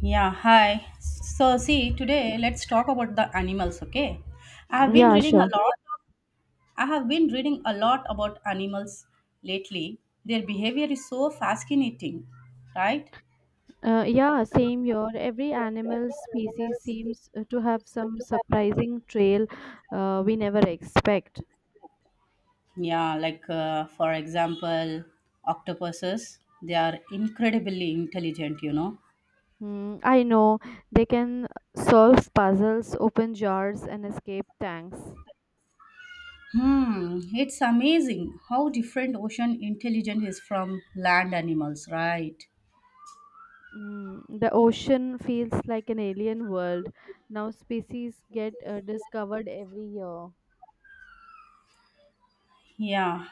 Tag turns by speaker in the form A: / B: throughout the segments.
A: Yeah, hi. So, see, today let's talk about the animals, okay? I have been
B: Yeah,
A: reading a
B: sure.
A: lot I have been reading a lot about animals lately. Their behavior is so fascinating, right?
B: Yeah, same here. Every
A: Yes,
B: animal
A: every
B: species
A: animal
B: seems to have some
A: to have
B: surprising trail we never expect.
A: Yeah, like for example, octopuses, they are incredibly intelligent.
B: Mm, I know they can solve puzzles, open jars, and escape tanks.
A: Hmm, it's amazing how different ocean intelligence is from land animals, right?
B: Mm, the ocean feels like an alien world. Now species get discovered every year.
A: Yeah.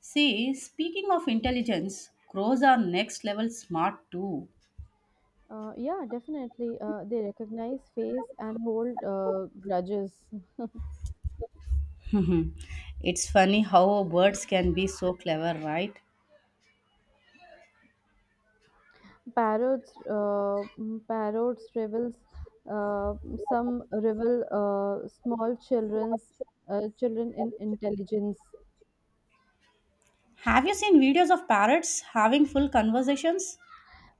A: See, speaking of intelligence, crows are next level smart too.
B: Yeah, definitely. They recognize face and hold grudges.
A: It's funny how birds can be so clever, right?
B: Parrots revels. Uh, some revel small children in intelligence.
A: Have you seen videos of parrots having full conversations?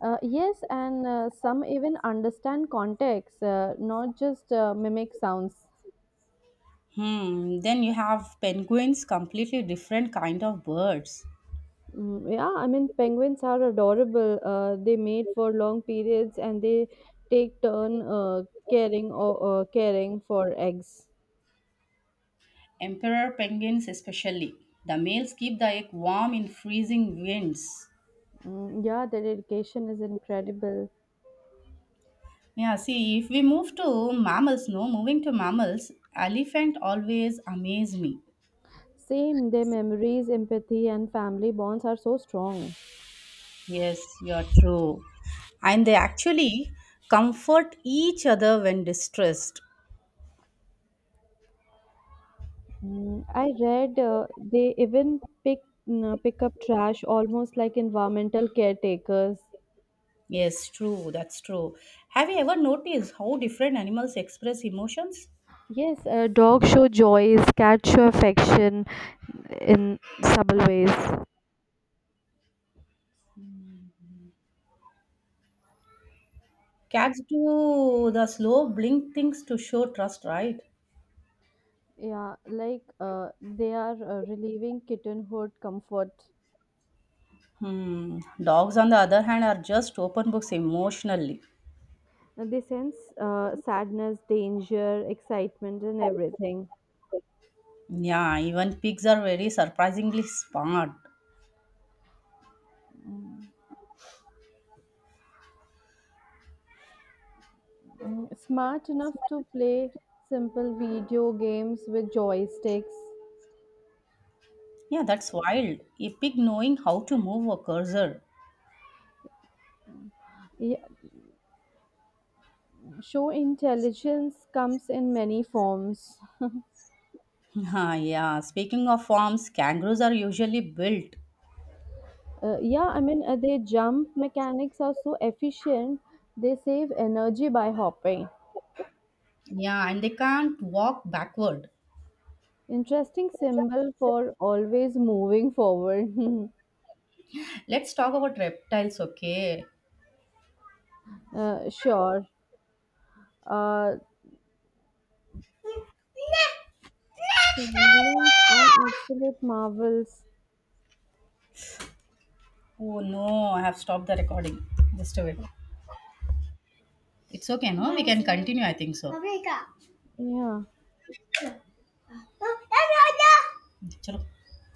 B: Yes, and some even understand context, not just mimic sounds.
A: Hmm, then you have penguins, completely different kind of birds.
B: Mm, yeah, I mean, penguins are adorable. They mate for long periods, and they take turn caring or caring for eggs.
A: Emperor penguins especially. The males keep the egg warm in freezing winds.
B: Mm, yeah, their dedication is incredible.
A: Yeah, see, if we move to mammals, no, moving to mammals, elephant always amaze me.
B: Same, their memories, empathy, and family bonds are so strong.
A: Yes, you are true. And they actually comfort each other when distressed.
B: Mm, I read they even pick pick up trash almost like environmental caretakers.
A: Yes, true, that's true. Have you ever noticed how different animals express emotions?
B: Yes, dogs show joys, cats show affection in subtle ways.
A: Cats do the slow blink things to show trust, right?
B: Yeah, like they are relieving kittenhood comfort.
A: Hmm. Dogs, on the other hand, are just open books emotionally.
B: And they sense sadness, danger, excitement, and
A: Right.
B: everything.
A: Yeah, even pigs are very surprisingly smart.
B: Mm. Mm, smart enough to play simple video games with joysticks.
A: Yeah, that's wild. A pig knowing how to move a cursor.
B: Yeah, show intelligence comes in many forms.
A: Ah, yeah, speaking of forms, kangaroos are usually built.
B: Yeah, I mean, their jump mechanics are so efficient, they save energy by hopping.
A: Yeah, and they can't walk backward.
B: Interesting symbol for always moving forward.
A: Let's talk about reptiles, okay?
B: Sure. Uh, Tremblings are absolute marvels.
A: Oh no, I have stopped the recording. Just a bit. It's okay, no? We can continue, I think so.
B: Yeah.
A: Chalo.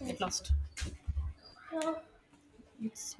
A: Get lost. It's